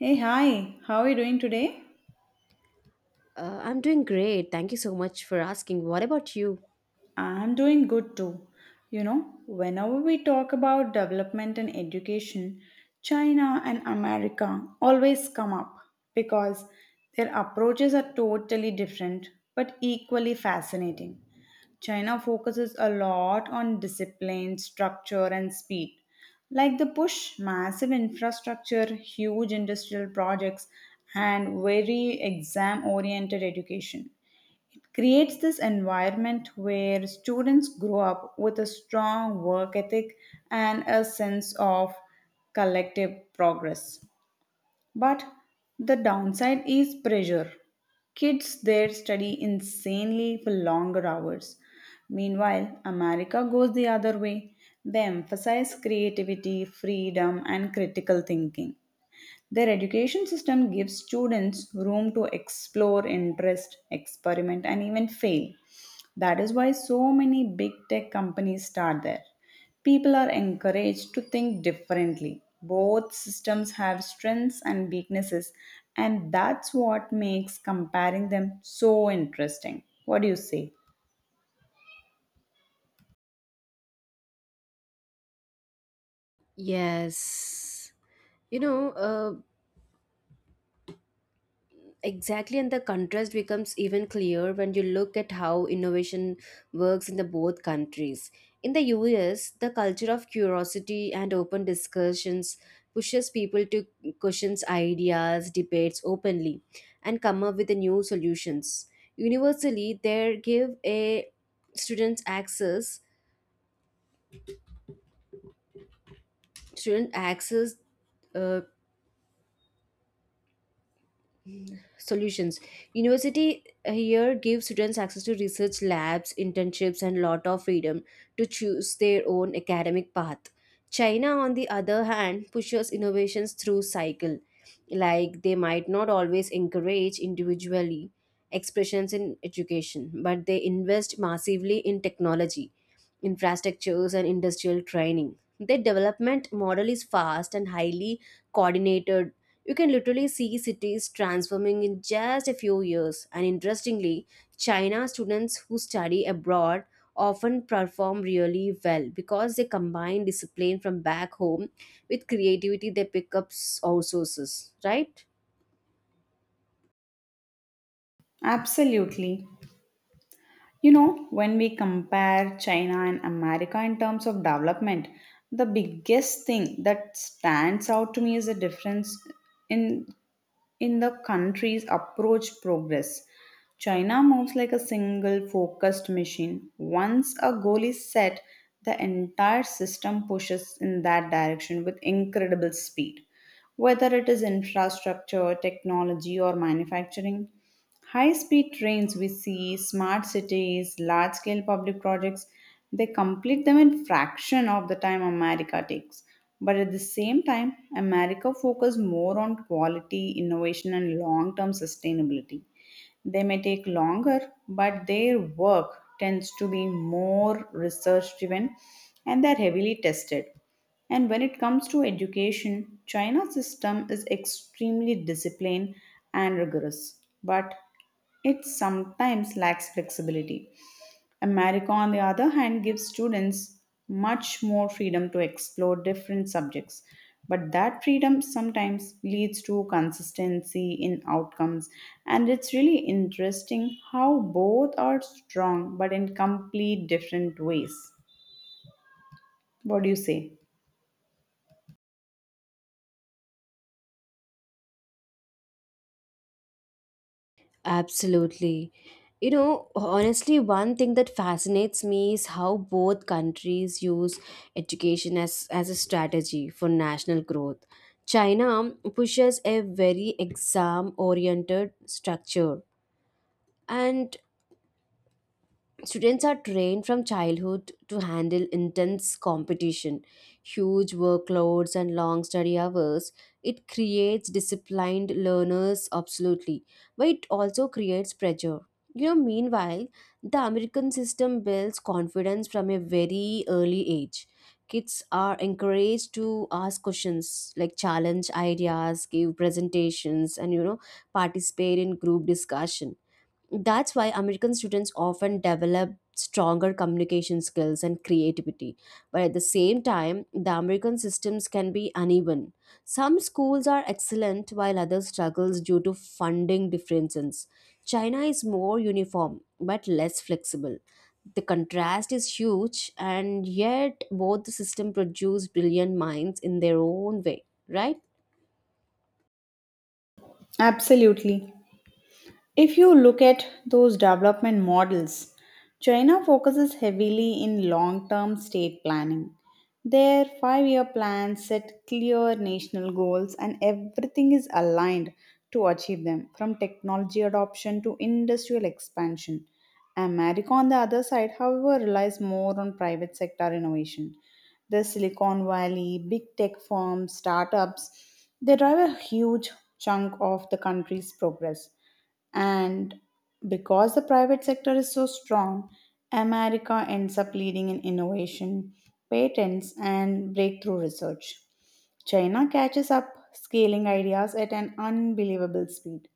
Hey, hi, how are you doing today? I'm doing great. Thank you so much for asking. What about you? I'm doing good too. You know, whenever we talk about development and education, China and America always come up because their approaches are totally different but equally fascinating. China focuses a lot on discipline, structure, and speed. Like the push, massive infrastructure, huge industrial projects, and very exam oriented education. Creates this environment where students grow up with a strong work ethic and a sense of collective progress. But the downside is pressure. Kids there study insanely for longer hours. Meanwhile, America goes the other way. They emphasize creativity, freedom, and critical thinking. Their education system gives students room to explore interest, experiment, and even fail. That is why so many big tech companies start there. People are encouraged to think differently. Both systems have strengths and weaknesses, and that's what makes comparing them so interesting. What do you say? Yes. You know, uh, exactly, and the contrast becomes even clear when you look at how innovation works in the both countries. In the US, the culture of curiosity and open discussions pushes people to question ideas, debates openly, and come up with the new solutions. Universally, they give a students access student access uh, solutions university here gives students access to research labs, internships, and lot of freedom to choose their own academic path. China, on the other hand, pushes innovations through cycle, like they might not always encourage individually expressions in education, but they invest massively in technology infrastructures and industrial training. Their development model is fast and highly coordinated. You can literally see cities transforming in just a few years. And interestingly, China students who study abroad often perform really well because they combine discipline from back home with creativity they pick up outsources, right? Absolutely. You know, when we compare China and America in terms of development, the biggest thing that stands out to me is the difference in in the country's approach progress. China moves like a single focused machine. Once a goal is set, the entire system pushes in that direction with incredible speed. Whether it is infrastructure, technology, or manufacturing, high speed trains we see, smart cities, large scale public projects, they complete them in fraction of the time America takes. But at the same time, America focuses more on quality, innovation, and long term sustainability. They may take longer, but their work tends to be more research driven and they're heavily tested. And when it comes to education, China's system is extremely disciplined and rigorous. But it sometimes lacks flexibility. America, on the other hand, gives students much more freedom to explore different subjects. But that freedom sometimes leads to consistency in outcomes. And it's really interesting how both are strong but in complete different ways. What do you say? Absolutely. You know, honestly, one thing that fascinates me is how both countries use education as a strategy for national growth. China pushes a very exam oriented structure, and students are trained from childhood to handle intense competition, huge workloads, and long study hours. It creates disciplined learners, absolutely, but it also creates pressure. You know, meanwhile, the American system builds confidence from a very early age. Kids are encouraged to ask questions, like challenge ideas, give presentations, and participate in group discussion. That's why American students often develop stronger communication skills and creativity. But at the same time, the American systems can be uneven. Some schools are excellent while others struggles due to funding differences. China is more uniform but less flexible. The contrast is huge, and yet both the system produce brilliant minds in their own way, right? Absolutely. If you look at those development models, China focuses heavily in long term state planning. Their 5 year plans set clear national goals, and everything is aligned to achieve them from technology adoption to industrial expansion. America, on the other side, however, relies more on private sector innovation. The Silicon Valley, big tech firms, startups, they drive a huge chunk of the country's progress. And because the private sector is so strong, America ends up leading in innovation, patents, and breakthrough research. China catches up, scaling ideas at an unbelievable speed.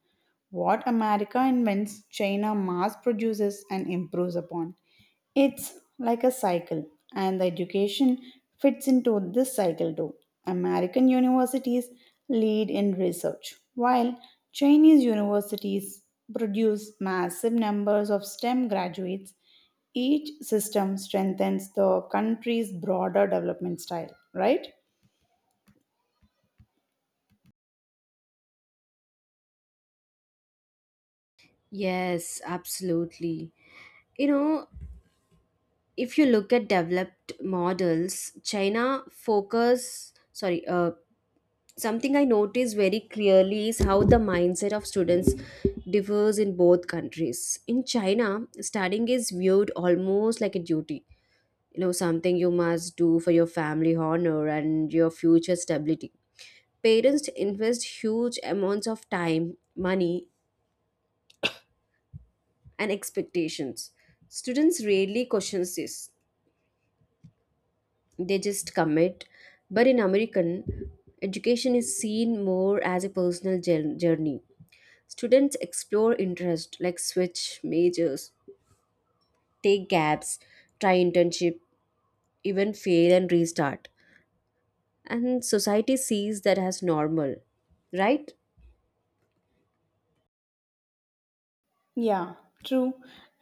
What America invents, China mass produces and improves upon. It's like a cycle, and the education fits into this cycle too. American universities lead in research, while Chinese universities produce massive numbers of STEM graduates. Each system strengthens the country's broader development style, right? Yes, absolutely. You know, if you look at developed models, china focus sorry something I notice very clearly is how the mindset of students differs in both countries. In china, studying is viewed almost like a duty, something you must do for your family honor and your future stability. Parents invest huge amounts of time, money, and expectations. Students rarely question this. They just commit. But in American, education is seen more as a personal journey. Students explore interest, like switch majors, take gaps, try internship, even fail and restart. And society sees that as normal, right? Yeah, true.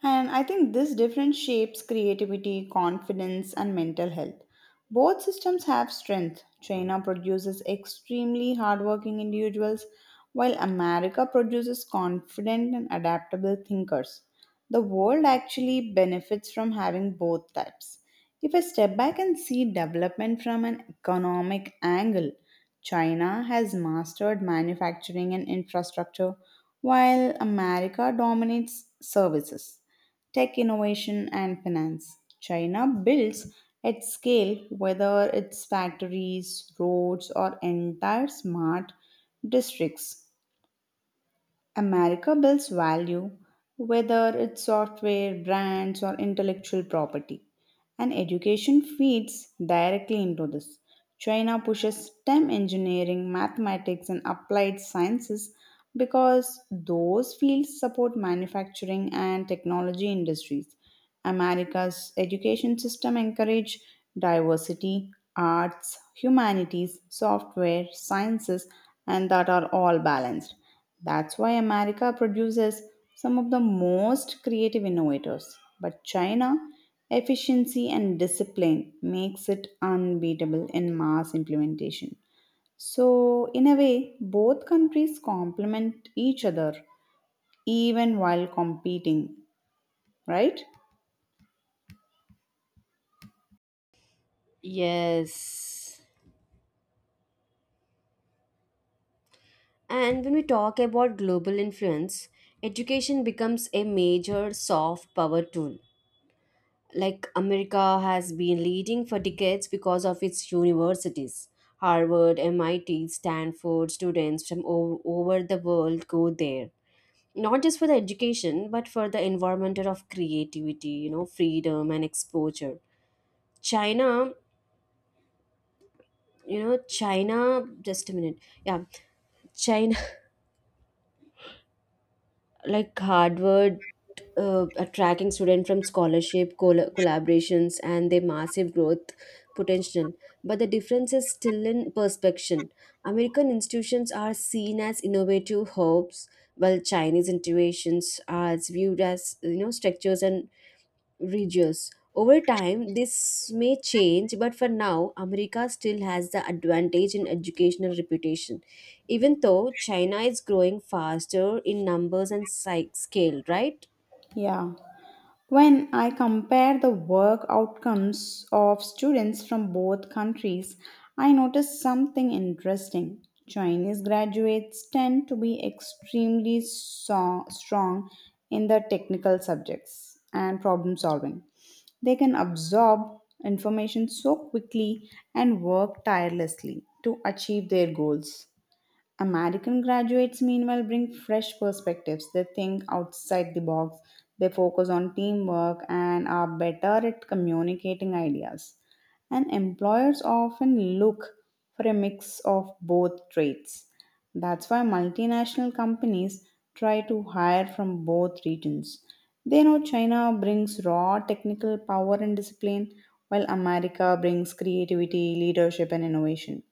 And I think this difference shapes creativity, confidence, and mental health. Both systems have strength. China produces extremely hardworking individuals, while America produces confident and adaptable thinkers. The world actually benefits from having both types. If I step back and see development from an economic angle, China has mastered manufacturing and infrastructure while America dominates services, tech innovation, and finance. China builds at scale, whether it's factories, roads, or entire smart districts. America builds value, whether it's software, brands, or intellectual property, and education feeds directly into this. China pushes STEM engineering, mathematics, and applied sciences because those fields support manufacturing and technology industries. America's education system encourage diversity, arts, humanities, software, sciences, and that are all balanced. That's why America produces some of the most creative innovators. But China, efficiency and discipline makes it unbeatable in mass implementation. So, in a way, both countries complement each other even while competing, right? Yes. And when we talk about global influence, education becomes a major soft power tool. Like America has been leading for decades because of its universities. Harvard, MIT, Stanford students from all over the world go there. Not just for the education, but for the environment of creativity, you know, freedom and exposure. China, you know, China, just a minute. Yeah, China, like Harvard, attracting students from scholarship collaborations and their massive growth potential. But the difference is still in perception. American institutions are seen as innovative hubs, while Chinese institutions are viewed as, you know, structures and regions. Over time, this may change, but for now, America still has the advantage in educational reputation, even though China is growing faster in numbers and scale, right? Yeah. When I compare the work outcomes of students from both countries, I notice something interesting. Chinese graduates tend to be extremely strong in the technical subjects and problem solving. They can absorb information so quickly and work tirelessly to achieve their goals. American graduates, meanwhile, bring fresh perspectives. They think outside the box, they focus on teamwork, and are better at communicating ideas. And employers often look for a mix of both traits. That's why multinational companies try to hire from both regions. They know China brings raw technical power and discipline, while America brings creativity, leadership, and innovation.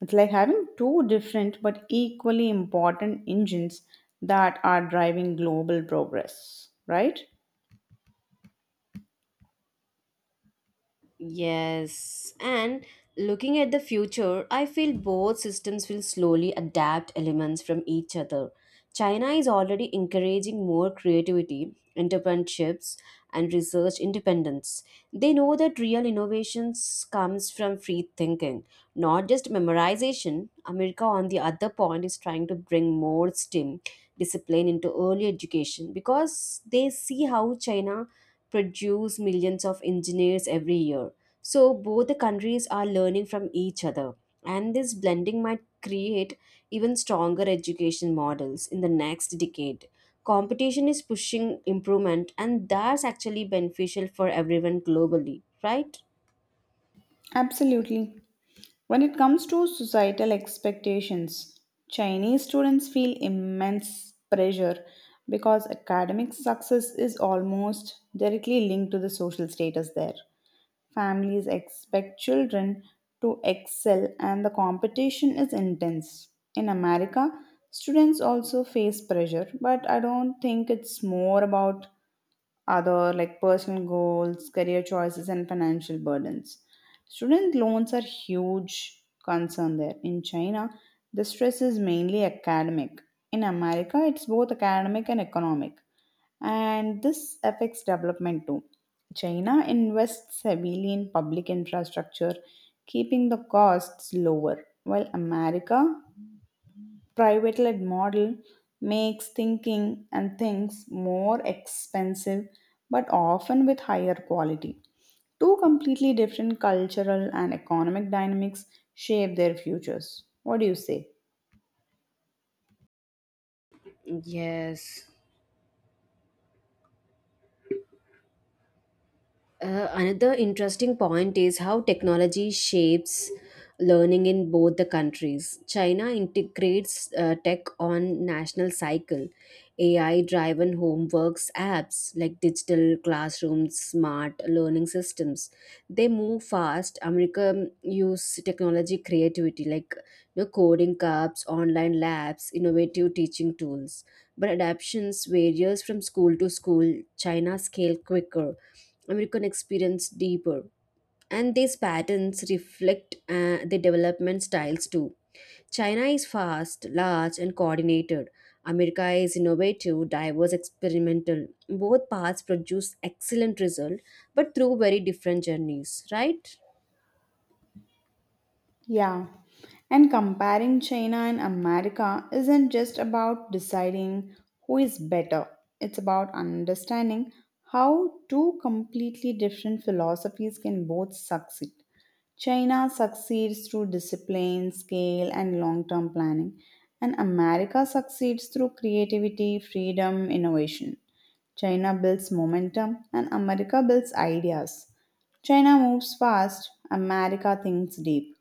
It's like having two different but equally important engines that are driving global progress, right? Yes, and looking at the future, I feel both systems will slowly adapt elements from each other. China is already encouraging more creativity, entrepreneurships, and research independence. They know that real innovations comes from free thinking, not just memorization. America, on the other point, is trying to bring more STEM discipline into early education because they see how China produce millions of engineers every year. So both the countries are learning from each other, and this blending might create even stronger education models in the next decade. Competition is pushing improvement, and that's actually beneficial for everyone globally, right? Absolutely. When it comes to societal expectations, Chinese students feel immense pressure because academic success is almost directly linked to the social status there. Families expect children to excel, and the competition is intense. In America, students also face pressure, but I don't think it's more about other like personal goals, career choices, and financial burdens. Student loans are huge concern there. In China, the stress is mainly academic. In America, it's both academic and economic, and this affects development too. China invests heavily in public infrastructure, keeping the costs lower, while America private led model makes thinking and things more expensive but often with higher quality. Two completely different cultural and economic dynamics shape their futures. What do you say? Yes. Another interesting point is how technology shapes learning in both the countries. China integrates tech on national cycle, AI-driven homeworks apps like digital classrooms, smart learning systems. They move fast. America use technology creativity, like, you know, coding cups, online labs, innovative teaching tools, but adaptations varies from school to school. China scale quicker, American experience deeper, and these patterns reflect the development styles too. China is fast, large, and coordinated. America is innovative, diverse, experimental. Both paths produce excellent result, but through very different journeys, right? Yeah. And comparing China and America isn't just about deciding who is better, it's about understanding how two completely different philosophies can both succeed. China succeeds through discipline, scale, and long term planning, and America succeeds through creativity, freedom, innovation. China builds momentum, and America builds ideas. China moves fast, America thinks deep.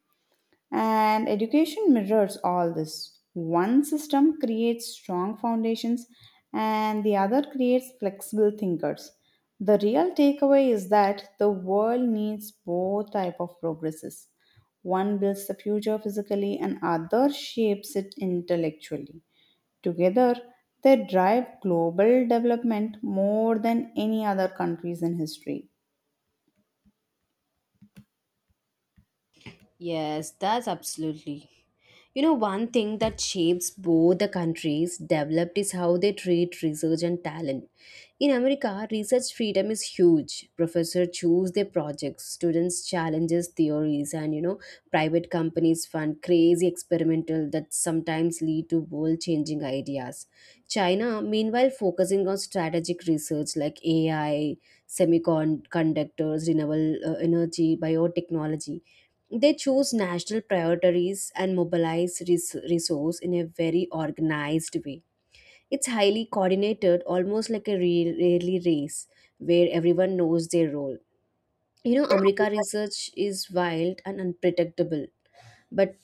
And education mirrors all this. One system creates strong foundations, and the other creates flexible thinkers. The real takeaway is that the world needs both type of progresses. One builds the future physically, and other shapes it intellectually. Together, they drive global development more than any other countries in history. Yes, that's absolutely. You know, one thing that shapes both the countries developed is how they treat research and talent. In America, research freedom is huge. Professors choose their projects, students challenges theories, and, you know, private companies fund crazy experimental that sometimes lead to world-changing ideas. China, meanwhile, focusing on strategic research like AI, semiconductors, renewable energy, biotechnology. They choose national priorities and mobilize resource in a very organized way. It's highly coordinated, almost like a real rally race where everyone knows their role. You know, America research is wild and unpredictable, but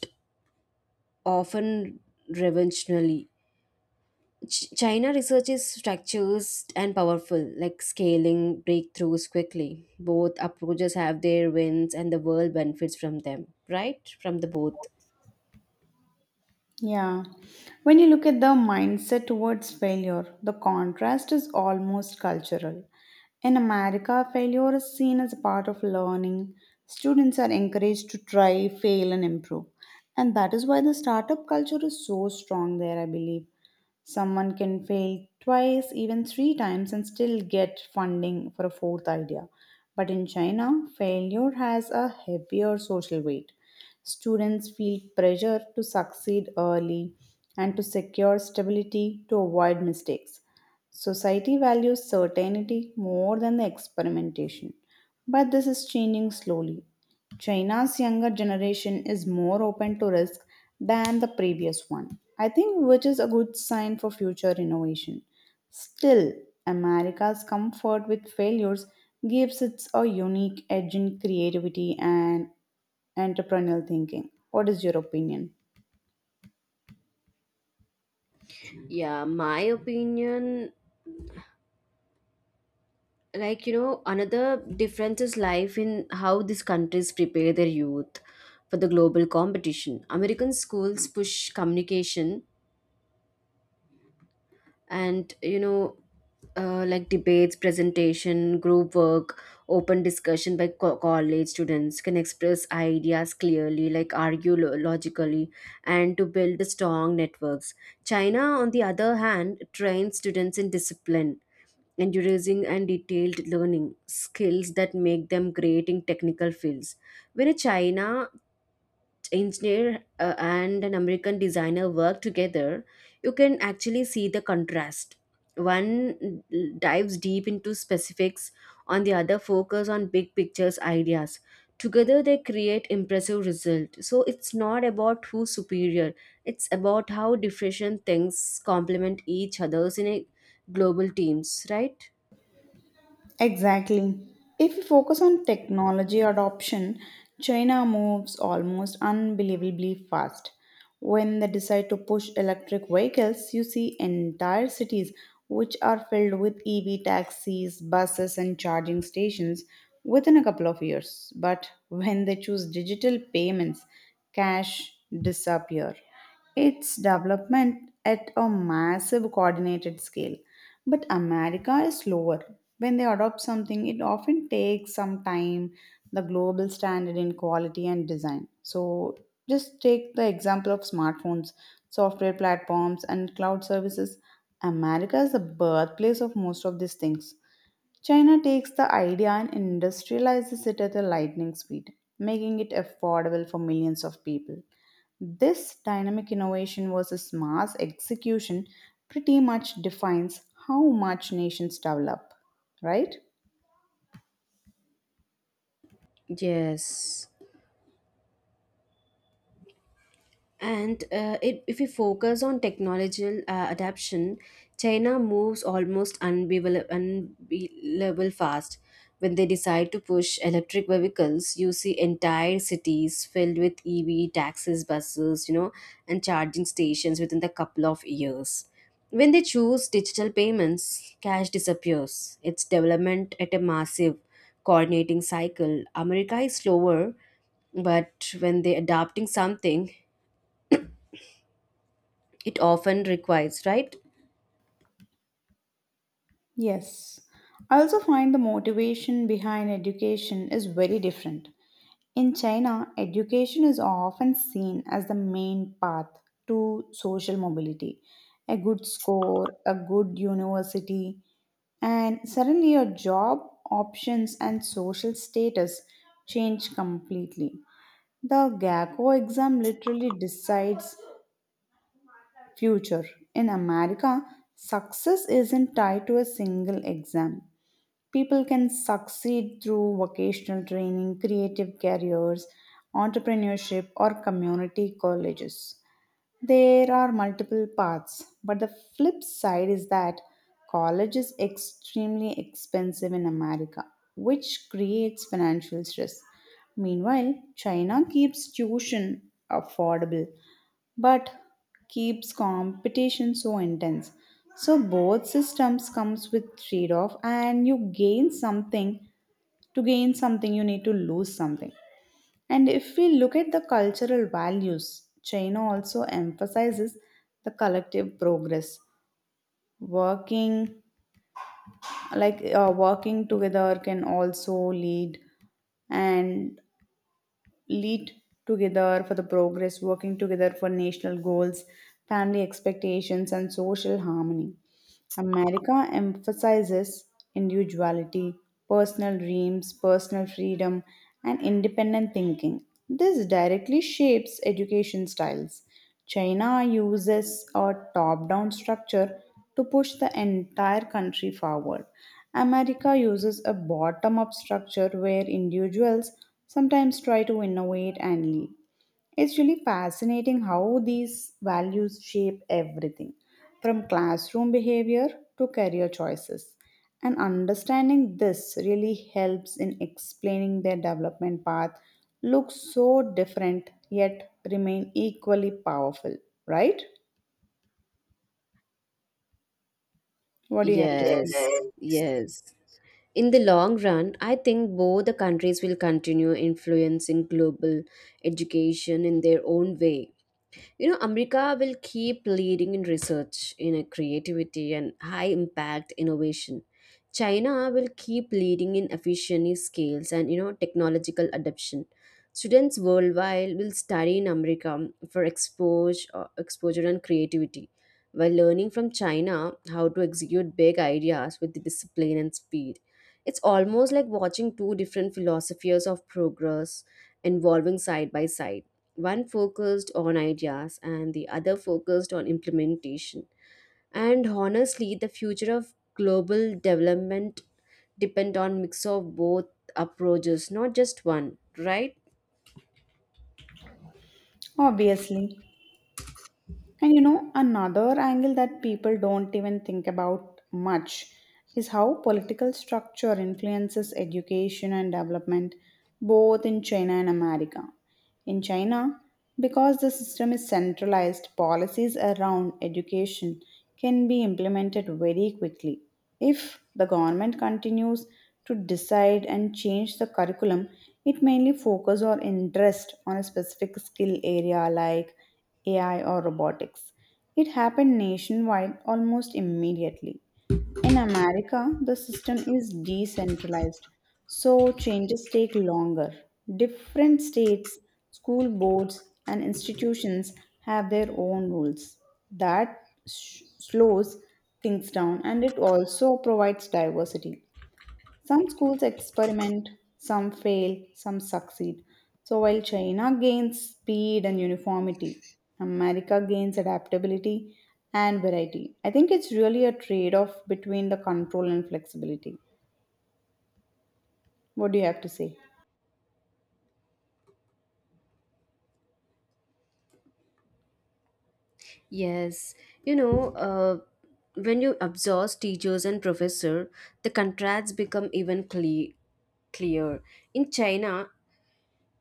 often revolutionary. China research is structures and powerful, like scaling breakthroughs quickly. Both approaches have their wins, and the world benefits from them, right? From the both. Yeah. When you look at the mindset towards failure, the contrast is almost cultural. In America, failure is seen as a part of learning. Students are encouraged to try, fail, and improve. And that is why the startup culture is so strong there, I believe. Someone can fail twice, even three times, and still get funding for a fourth idea. But in China, failure has a heavier social weight. Students feel pressure to succeed early and to secure stability to avoid mistakes. Society values certainty more than the experimentation. But this is changing slowly. China's younger generation is more open to risk than the previous one, I think, which is a good sign for future innovation. Still, America's comfort with failures gives it a unique edge in creativity and entrepreneurial thinking. What is your opinion? Yeah, my opinion, like, you know, another difference is life in how these countries prepare their youth for the global competition. American schools push communication and, you know, like debates, presentation, group work, open discussion by college students can express ideas clearly, like argue logically, and to build strong networks. China, on the other hand, trains students in discipline enduring and detailed learning skills that make them great in technical fields. When a China engineer and an American designer work together, you can actually see the contrast. One dives deep into specifics, on the other focus on big pictures ideas. Together they create impressive result. So it's not about who's superior. It's about how different things complement each others in a global teams, right? Exactly. If we focus on technology adoption, China moves almost unbelievably fast. When they decide to push electric vehicles, you see entire cities which are filled with EV taxis, buses, and charging stations within a couple of years. But when they choose digital payments, cash disappear its development at a massive coordinated scale. But America is slower. When they adopt something, it often takes some time, the global standard in quality and design. So, just take the example of smartphones, software platforms, and cloud services. America is the birthplace of most of these things. China takes the idea and industrializes it at a lightning speed, making it affordable for millions of people. This dynamic innovation versus mass execution pretty much defines how much nations develop, right? Yes. And if we focus on technological adaption, China moves almost unbelievable fast. When they decide to push electric vehicles, you see entire cities filled with EV taxis, buses, you know, and charging stations within the couple of years. When they choose digital payments, cash disappears. Its development at a massive coordinating cycle. America is slower, but when they're adopting something, it often requires, right? Yes. I also find the motivation behind education is very different. In China, education is often seen as the main path to social mobility. A good score, a good university, and suddenly your job options and social status change completely. The gaco exam literally decides future. In America, success isn't tied to a single exam. People can succeed through vocational training, creative careers, entrepreneurship, or community colleges. There are multiple paths, but the flip side is that college is extremely expensive in America, which creates financial stress. Meanwhile, China keeps tuition affordable but keeps competition so intense. So both systems comes with trade-off and you gain something to gain something you need to lose something. And if we look at the cultural values, China also emphasizes the collective progress. Working like working together can also lead and lead together for the progress, working together for national goals, family expectations, and social harmony. America emphasizes individuality, personal dreams, personal freedom, and independent thinking. This directly shapes education styles. China uses a top down structure to push the entire country forward. America uses a bottom up structure where individuals sometimes try to innovate and lead. It's really fascinating how these values shape everything from classroom behavior to career choices. And understanding this really helps in explaining their development path looks so different yet remain equally powerful, right? What do you have to, yes, say? Yes. Yes, yes. In the long run, I think both the countries will continue influencing global education in their own way. You know, America will keep leading in research, in creativity and high impact innovation. China will keep leading in efficiency scales and, you know, technological adoption. Students worldwide will study in America for exposure, exposure and creativity, while learning from China how to execute big ideas with discipline and speed. It's almost like watching two different philosophies of progress evolving side by side. One focused on ideas and the other focused on implementation. And honestly, the future of global development depend on mix of both approaches, not just one, right? Obviously. And you know, another angle that people don't even think about much is how political structure influences education and development both in China and America. In China, because the system is centralized, policies around education can be implemented very quickly. If the government continues to decide and change the curriculum, it mainly focus or interest on a specific skill area like AI or robotics. It happened nationwide almost immediately. In America, the system is decentralized, so changes take longer. Different states, school boards, and institutions have their own rules. That slows things down and it also provides diversity. Some schools experiment, some fail, some succeed. So while China gains speed and uniformity, America gains adaptability and variety. I think it's really a trade off between the control and flexibility. What do you have to say? Yes, you know, uh, when you exhaust teachers and professor, the contrasts become even clear. In China,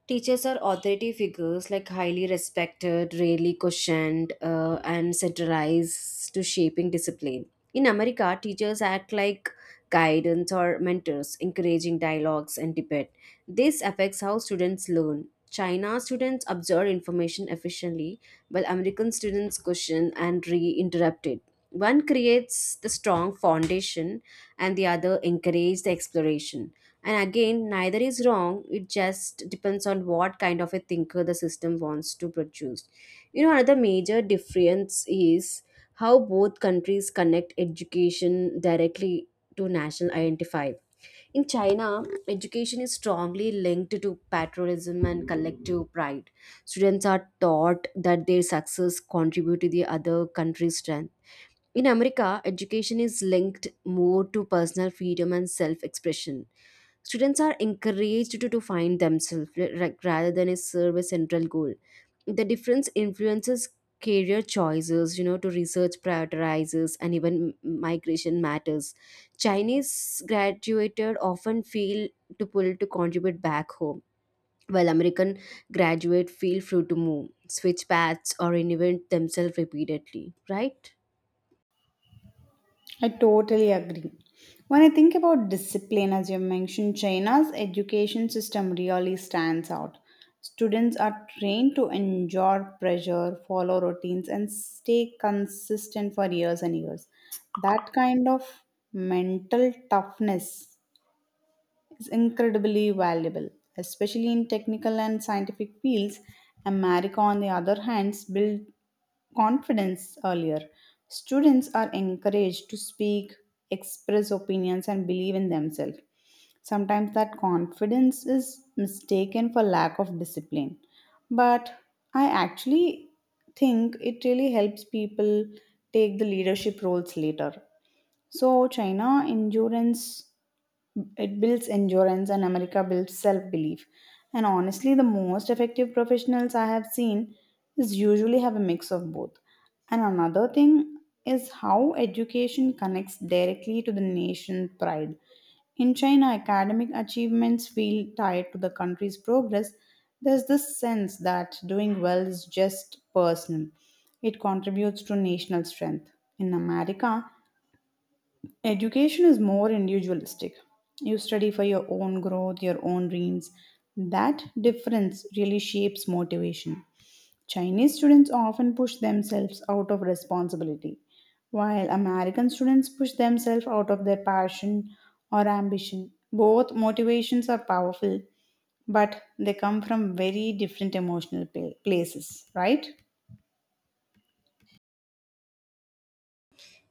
teachers are authority figures, like highly respected, rarely questioned, and centralized to shaping discipline. In America, teachers act like guidance or mentors, encouraging dialogues and debate. This affects how students learn. China students absorb information efficiently, while American students question and re-interrupt it. One creates the strong foundation, and the other encourages the exploration. And again, neither is wrong. It just depends on what kind of a thinker the system wants to produce. You know, another major difference is how both countries connect education directly to national identity. In China, education is strongly linked to patriotism and collective pride. Students are taught that their success contribute to the other country's strength. In America, education is linked more to personal freedom and self expression. Students are encouraged to find themselves rather than a serve a central goal. The difference influences career choices, you know, to research prioritizes and even migration matters. Chinese graduated often feel to pull to contribute back home, while American graduate feel free to move, switch paths, or reinvent themselves repeatedly, right? I totally agree. When I think about discipline, as you mentioned, China's education system really stands out. Students are trained to endure pressure, follow routines, and stay consistent for years and years. That kind of mental toughness is incredibly valuable, especially in technical and scientific fields. America, on the other hand, built confidence earlier. Students are encouraged to speak, express opinions, and believe in themselves. Sometimes that confidence is mistaken for lack of discipline. But I actually think it really helps people take the leadership roles later. So, China endurance, it builds endurance and America builds self belief. And honestly, the most effective professionals I have seen is usually have a mix of both. And another thing is how education connects directly to the nation's pride. In China, academic achievements feel tied to the country's progress. There's this sense that doing well is just personal, it contributes to national strength. In America, education is more individualistic. You study for your own growth, your own dreams. That difference really shapes motivation. Chinese students often push themselves out of responsibility, while American students push themselves out of their passion or ambition. Both motivations are powerful, but they come from very different emotional places, right?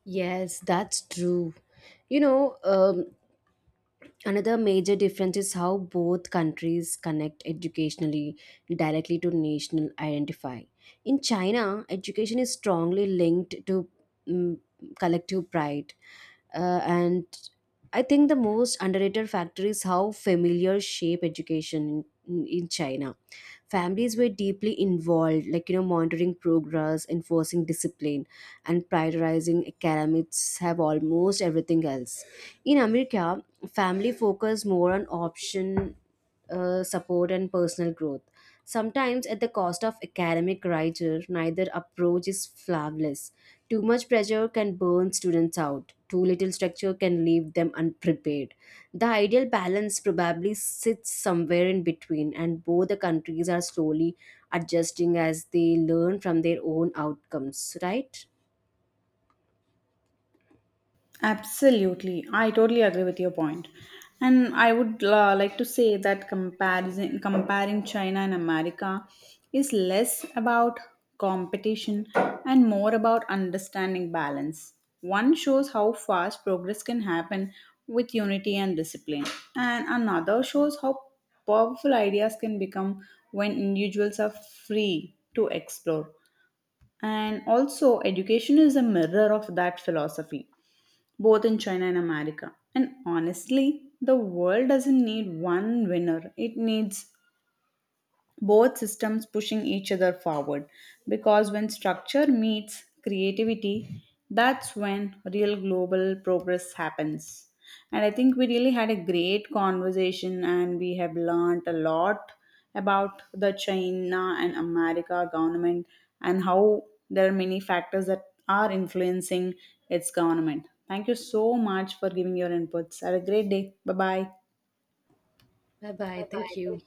Yes, that's true. You know, um, Another major difference is how both countries connect educationally directly to national identify. In China, education is strongly linked to mm collective pride. And I think the most underrated factor is how familiar shape education in China. Families were deeply involved, like, you know, monitoring progress, enforcing discipline and prioritizing academics have almost everything else. In America, family focus more on option support and personal growth. Sometimes at the cost of academic rigor, neither approach is flawless. Too much pressure can burn students out. Too little structure can leave them unprepared. The ideal balance probably sits somewhere in between, and both the countries are slowly adjusting as they learn from their own outcomes, right? Absolutely. I totally agree with your point. And I would like to say that comparing China and America is less about competition and more about understanding balance. One shows how fast progress can happen with unity and discipline, and another shows how powerful ideas can become when individuals are free to explore. And also, education is a mirror of that philosophy both in China and America. And honestly, the world doesn't need one winner, it needs both systems pushing each other forward because when structure meets creativity, that's when real global progress happens. And I think we really had a great conversation and we have learned a lot about the China and America government and how there are many factors that are influencing its government. Thank you so much for giving your inputs. Have a great day. Bye bye. Bye bye. Thank you.